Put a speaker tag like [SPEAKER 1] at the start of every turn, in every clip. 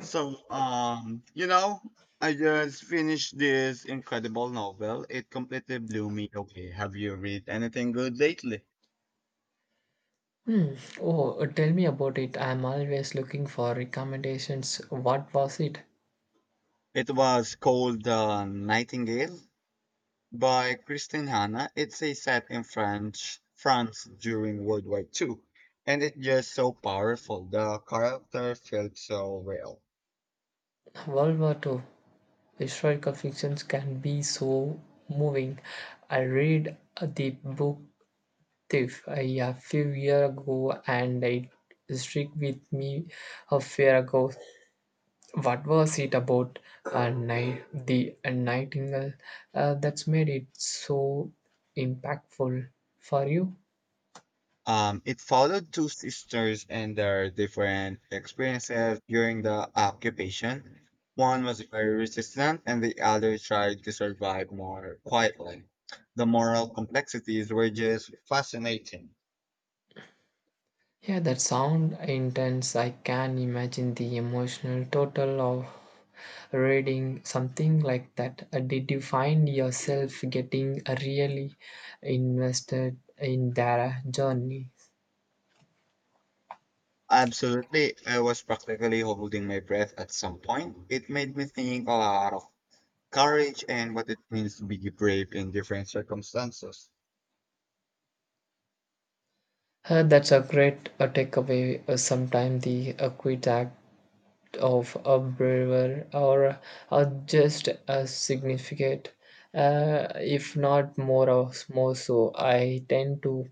[SPEAKER 1] So, um, you know, I just finished this incredible novel. It completely blew me away. Have you read anything good lately?
[SPEAKER 2] Hmm. Oh, tell me about it. I'm always looking for recommendations. What was it?
[SPEAKER 1] It was called Nightingale by Christine Hanna. It's a set in French France during World War II, and it's just so powerful. The character felt so real.
[SPEAKER 2] World War II. Historical fictions can be so moving. I read the book Thief a few years ago and it stuck with me a few ago. What was it about? The nightingale that's made it so impactful for you?
[SPEAKER 1] It followed two sisters and their different experiences during the occupation. One was very resistant, and the other tried to survive more quietly. The moral complexities were just fascinating.
[SPEAKER 2] Yeah, that sound intense. I can imagine the emotional total of reading something like that. Did you find yourself getting really invested in their journey?
[SPEAKER 1] Absolutely, I was practically holding my breath at some point. It made me think a lot of courage and what it means to be brave in different circumstances.
[SPEAKER 2] That's a great takeaway. Sometimes the quick act of a braver or just as significant, if not more or more so. I tend to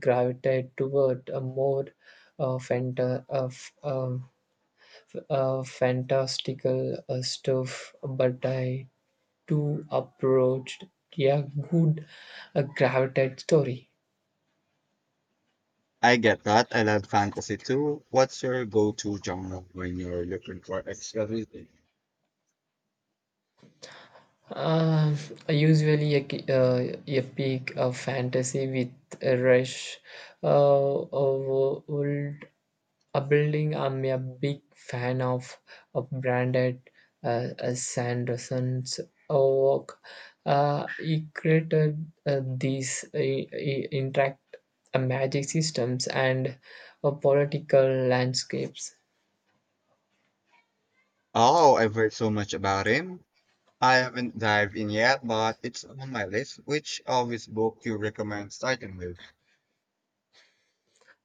[SPEAKER 2] gravitate toward a more uh, fanta- of, um, fantastical stuff, but I too approached a good gravitate story.
[SPEAKER 1] I get that. I love fantasy too. What's your go-to genre when you're looking for extra reading?
[SPEAKER 2] Uh, usually a peak of fantasy with a rush of old a building. I'm a big fan of branded Sanderson's work. He created these interact magic systems and political landscapes.
[SPEAKER 1] Oh, I've heard so much about him. I haven't dived in yet, but it's on my list. Which of his book you recommend starting with?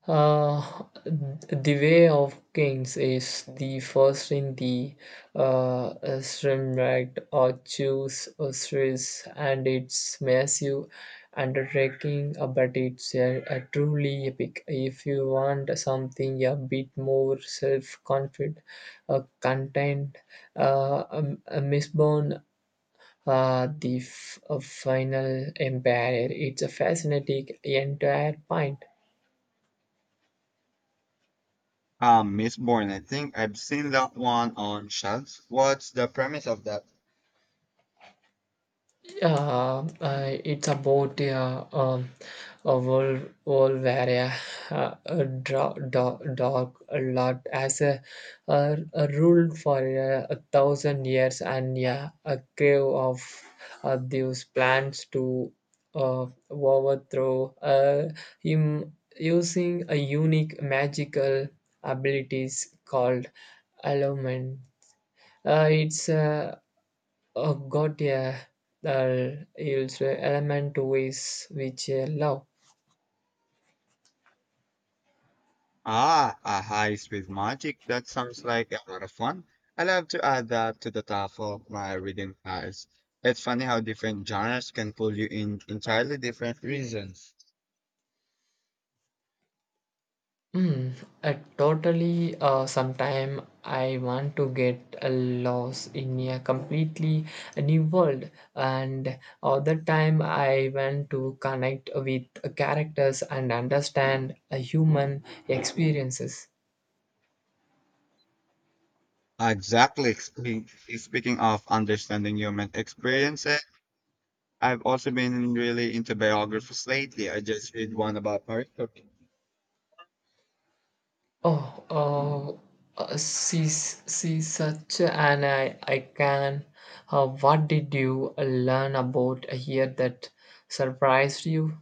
[SPEAKER 2] The Way of Kings is the first in the uh, Srimrad or Choose series, and it's massive undertaking, but it's truly epic. If you want something a bit more self-confident, content, Mistborn the final empire. It's a fascinating entire point.
[SPEAKER 1] Miss Bourne, I think I've seen that one on shelves. What's the premise of that?
[SPEAKER 2] It's about a world where yeah, a dog a lot as a rule for a 1,000 years and yeah, a crave of these plans to overthrow him using a unique magical abilities called allowment. It's got a it's a element to ways which love.
[SPEAKER 1] Ah, a high-speed magic. That sounds like a lot of fun. I'll have to add that to the top of my reading files. It's funny how different genres can pull you in entirely different reasons.
[SPEAKER 2] Mm, Totally. Sometime I want to get a lost in a completely new world, and other time I want to connect with characters and understand a human experiences.
[SPEAKER 1] Exactly. Speaking of understanding human experiences, I've also been really into biographies lately. I just read one about Marie Curie.
[SPEAKER 2] Oh, she's such an icon. What did you learn about here that surprised you?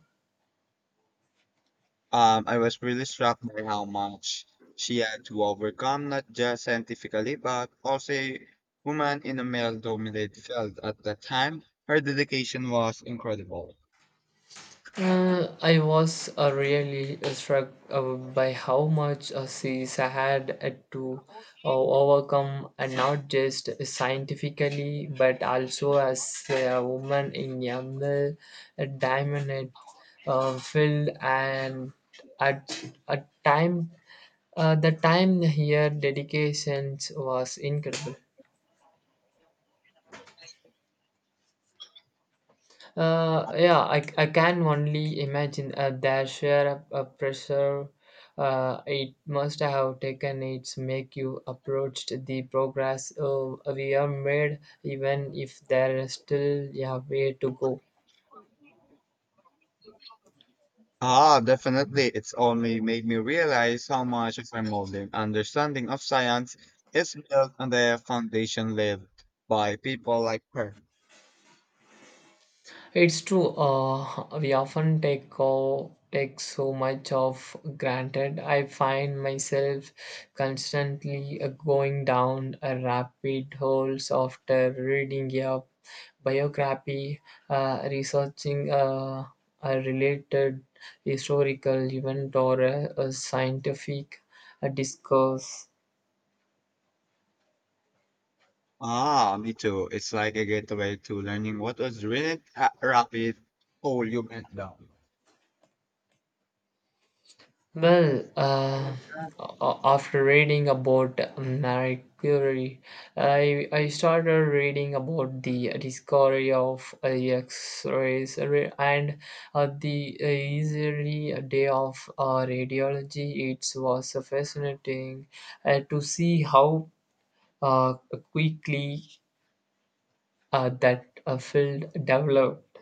[SPEAKER 1] I was really struck by how much she had to overcome, not just scientifically, but also a woman in a male dominated field at that time. Her dedication was incredible.
[SPEAKER 2] I was really struck by how much she's had to overcome, and not just scientifically, but also as a woman in a male dominant field and at a time. The time here, dedications was incredible. Yeah, I can only imagine their share of pressure. It must have taken its make you approached the progress we have made, even if there is still a way to go.
[SPEAKER 1] Ah, definitely. It's only made me realize how much of my modern understanding of science is built on the foundation left by people like her.
[SPEAKER 2] It's true. We often take so much of granted. I find myself constantly going down a rapid holes after reading a biography, researching a related historical event or a scientific discourse.
[SPEAKER 1] Ah, me too. It's like a gateway to learning what was really a rapid whole you went down.
[SPEAKER 2] Well, after reading about Marie Curie, I started reading about the discovery of X-rays and the easy day of radiology. It was fascinating to see how uh, quickly that field developed.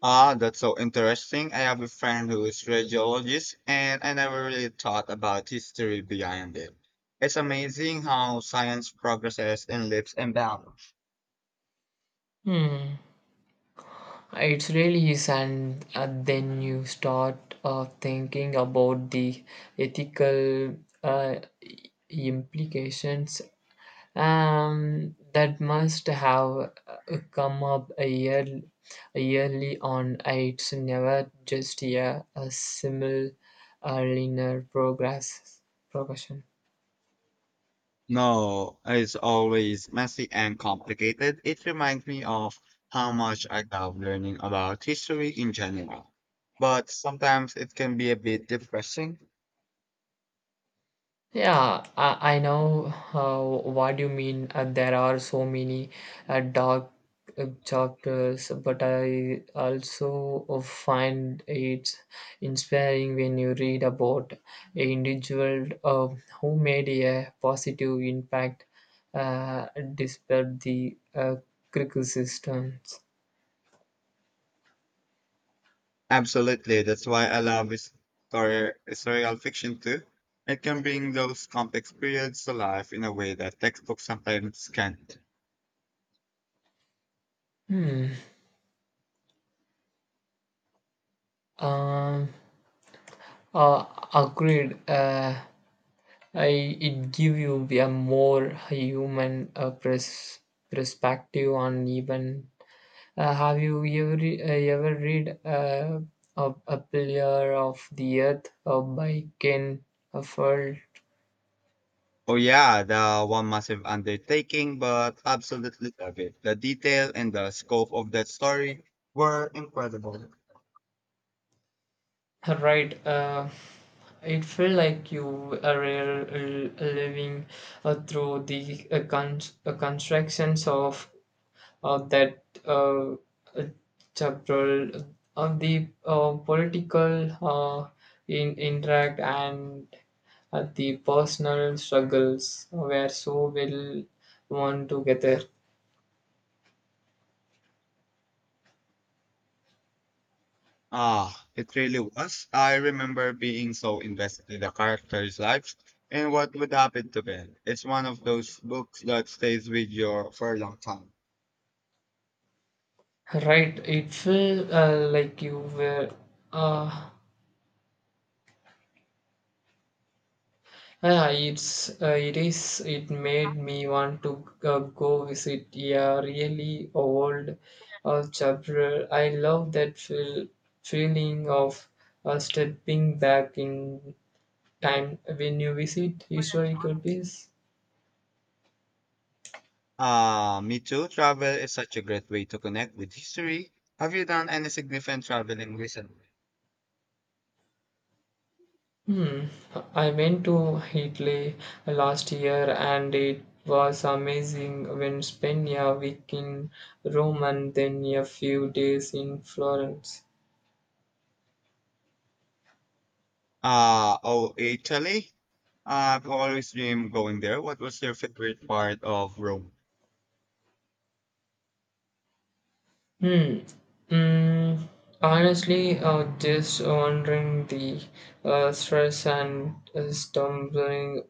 [SPEAKER 1] Ah, that's so interesting. I have a friend who is radiologist, and I never really thought about history behind it. It's amazing how science progresses and lives in balance.
[SPEAKER 2] Hmm. It really is, and then you start thinking about the ethical uh, implications that must have come up a year yearly on. It's never just a similar linear progression.
[SPEAKER 1] No, it's always messy and complicated. It reminds me of how much I love learning about history in general. But sometimes it can be a bit depressing.
[SPEAKER 2] Yeah, I know what you mean. There are so many dark chapters, but I also find it inspiring when you read about an individual who made a positive impact uh, despite the criticisms.
[SPEAKER 1] Absolutely. That's why I love his story, historical fiction too. It can bring those complex periods to life in a way that textbooks sometimes can't.
[SPEAKER 2] Hmm. Um. Uh, Agreed. It give you a more human perspective on even. Have you ever ever read a pillar of the earth by Ken Follett?
[SPEAKER 1] Oh yeah, the one massive undertaking, but absolutely love it. The detail and the scope of that story were incredible.
[SPEAKER 2] Right. It felt like you are living through the constructions of that uh, chapter on the political in interact and the personal struggles were so well woven together.
[SPEAKER 1] Ah, it really was. I remember being so invested in the characters' lives and what would happen to them. It's one of those books that stays with you for a long time.
[SPEAKER 2] Right, it felt like you were uh, yeah, it is it made me want to go visit a really old chapel. I love that feeling of stepping back in time when you visit historical places.
[SPEAKER 1] Ah, me too. Travel is such a great way to connect with history. Have you done any significant traveling recently?
[SPEAKER 2] Hmm. I went to Italy last year and it was amazing when spent a week in Rome and then a few days in Florence.
[SPEAKER 1] Ah, oh, Italy. I've always dreamed going there. What was your favorite part of Rome?
[SPEAKER 2] Hmm. Mm, Honestly, just wondering the stress and stumbling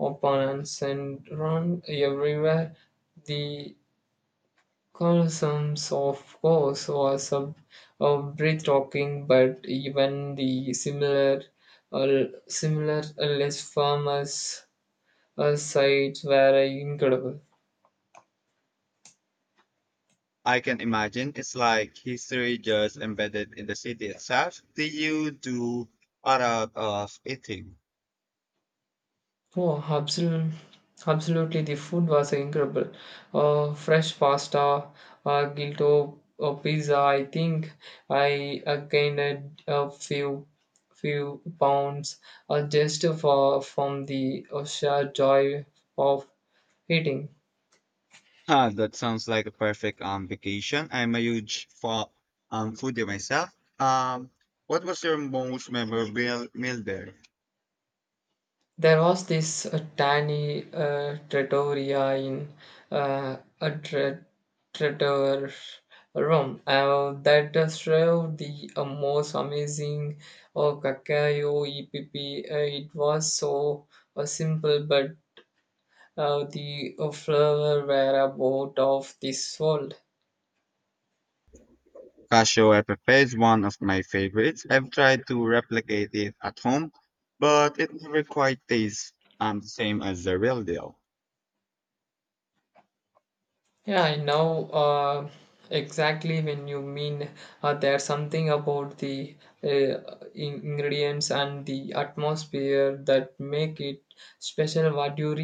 [SPEAKER 2] upon and send run everywhere. The colosseums, of course, was a breathtaking, but even the uh, similar less famous sites were incredible.
[SPEAKER 1] I can imagine it's like history just embedded in the city itself. Did you do a lot of eating?
[SPEAKER 2] Oh, absolutely, absolutely. The food was incredible. Fresh pasta, gilto pizza. I think I gained a few pounds just for from the sheer joy of eating.
[SPEAKER 1] Ah, that sounds like a perfect vacation. I'm a huge foodie myself. Um, what was your most memorable meal there?
[SPEAKER 2] There was this tiny trattoria in a tra- trattor room that served the most amazing cacao EPP. It was so simple, but the flavor were about of this world.
[SPEAKER 1] Cassiopeia is one of my favorites. I've tried to replicate it at home, but it never quite tastes the same as the real deal.
[SPEAKER 2] Yeah, I know exactly when you mean. There's something about the uh, ingredients and the atmosphere that make it special. What your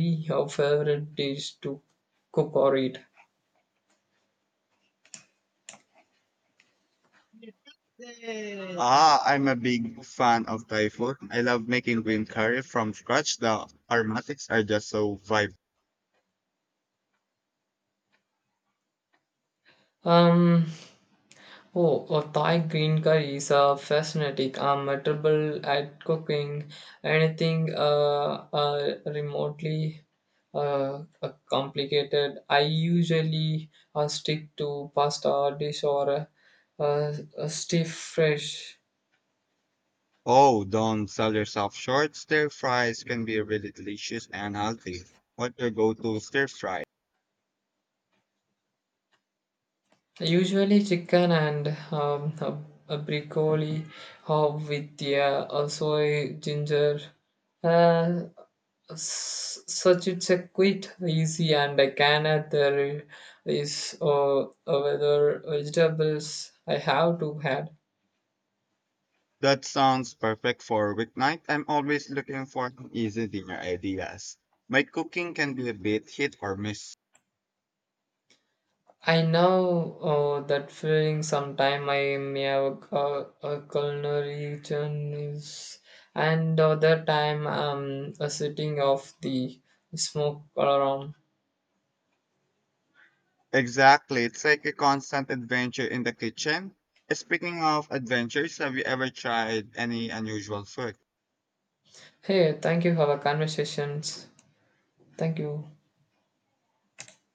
[SPEAKER 2] favorite dish to cook or eat?
[SPEAKER 1] Ah, I'm a big fan of Thai food. I love making green curry from scratch. The aromatics are just so vibrant.
[SPEAKER 2] Um, Oh, a Thai green curry is a fascinating. I'm terrible at cooking anything remotely complicated. I usually stick to pasta dish or a stiff fresh.
[SPEAKER 1] Oh, don't sell yourself short. Stir fries can be really delicious and healthy. What's your go-to stir fry?
[SPEAKER 2] Usually chicken and a broccoli with the also a ginger. Uh, such it's a quite easy and I can add there is whether vegetables I have to add.
[SPEAKER 1] That sounds perfect for a weeknight. I'm always looking for easy dinner ideas. My cooking can be a bit hit or miss.
[SPEAKER 2] I know that feeling sometime I may have a culinary journeys and other time a sitting of the smoke around.
[SPEAKER 1] Exactly. It's like a constant adventure in the kitchen. Speaking of adventures, have you ever tried any unusual food?
[SPEAKER 2] Hey, thank you for our conversations. Thank you.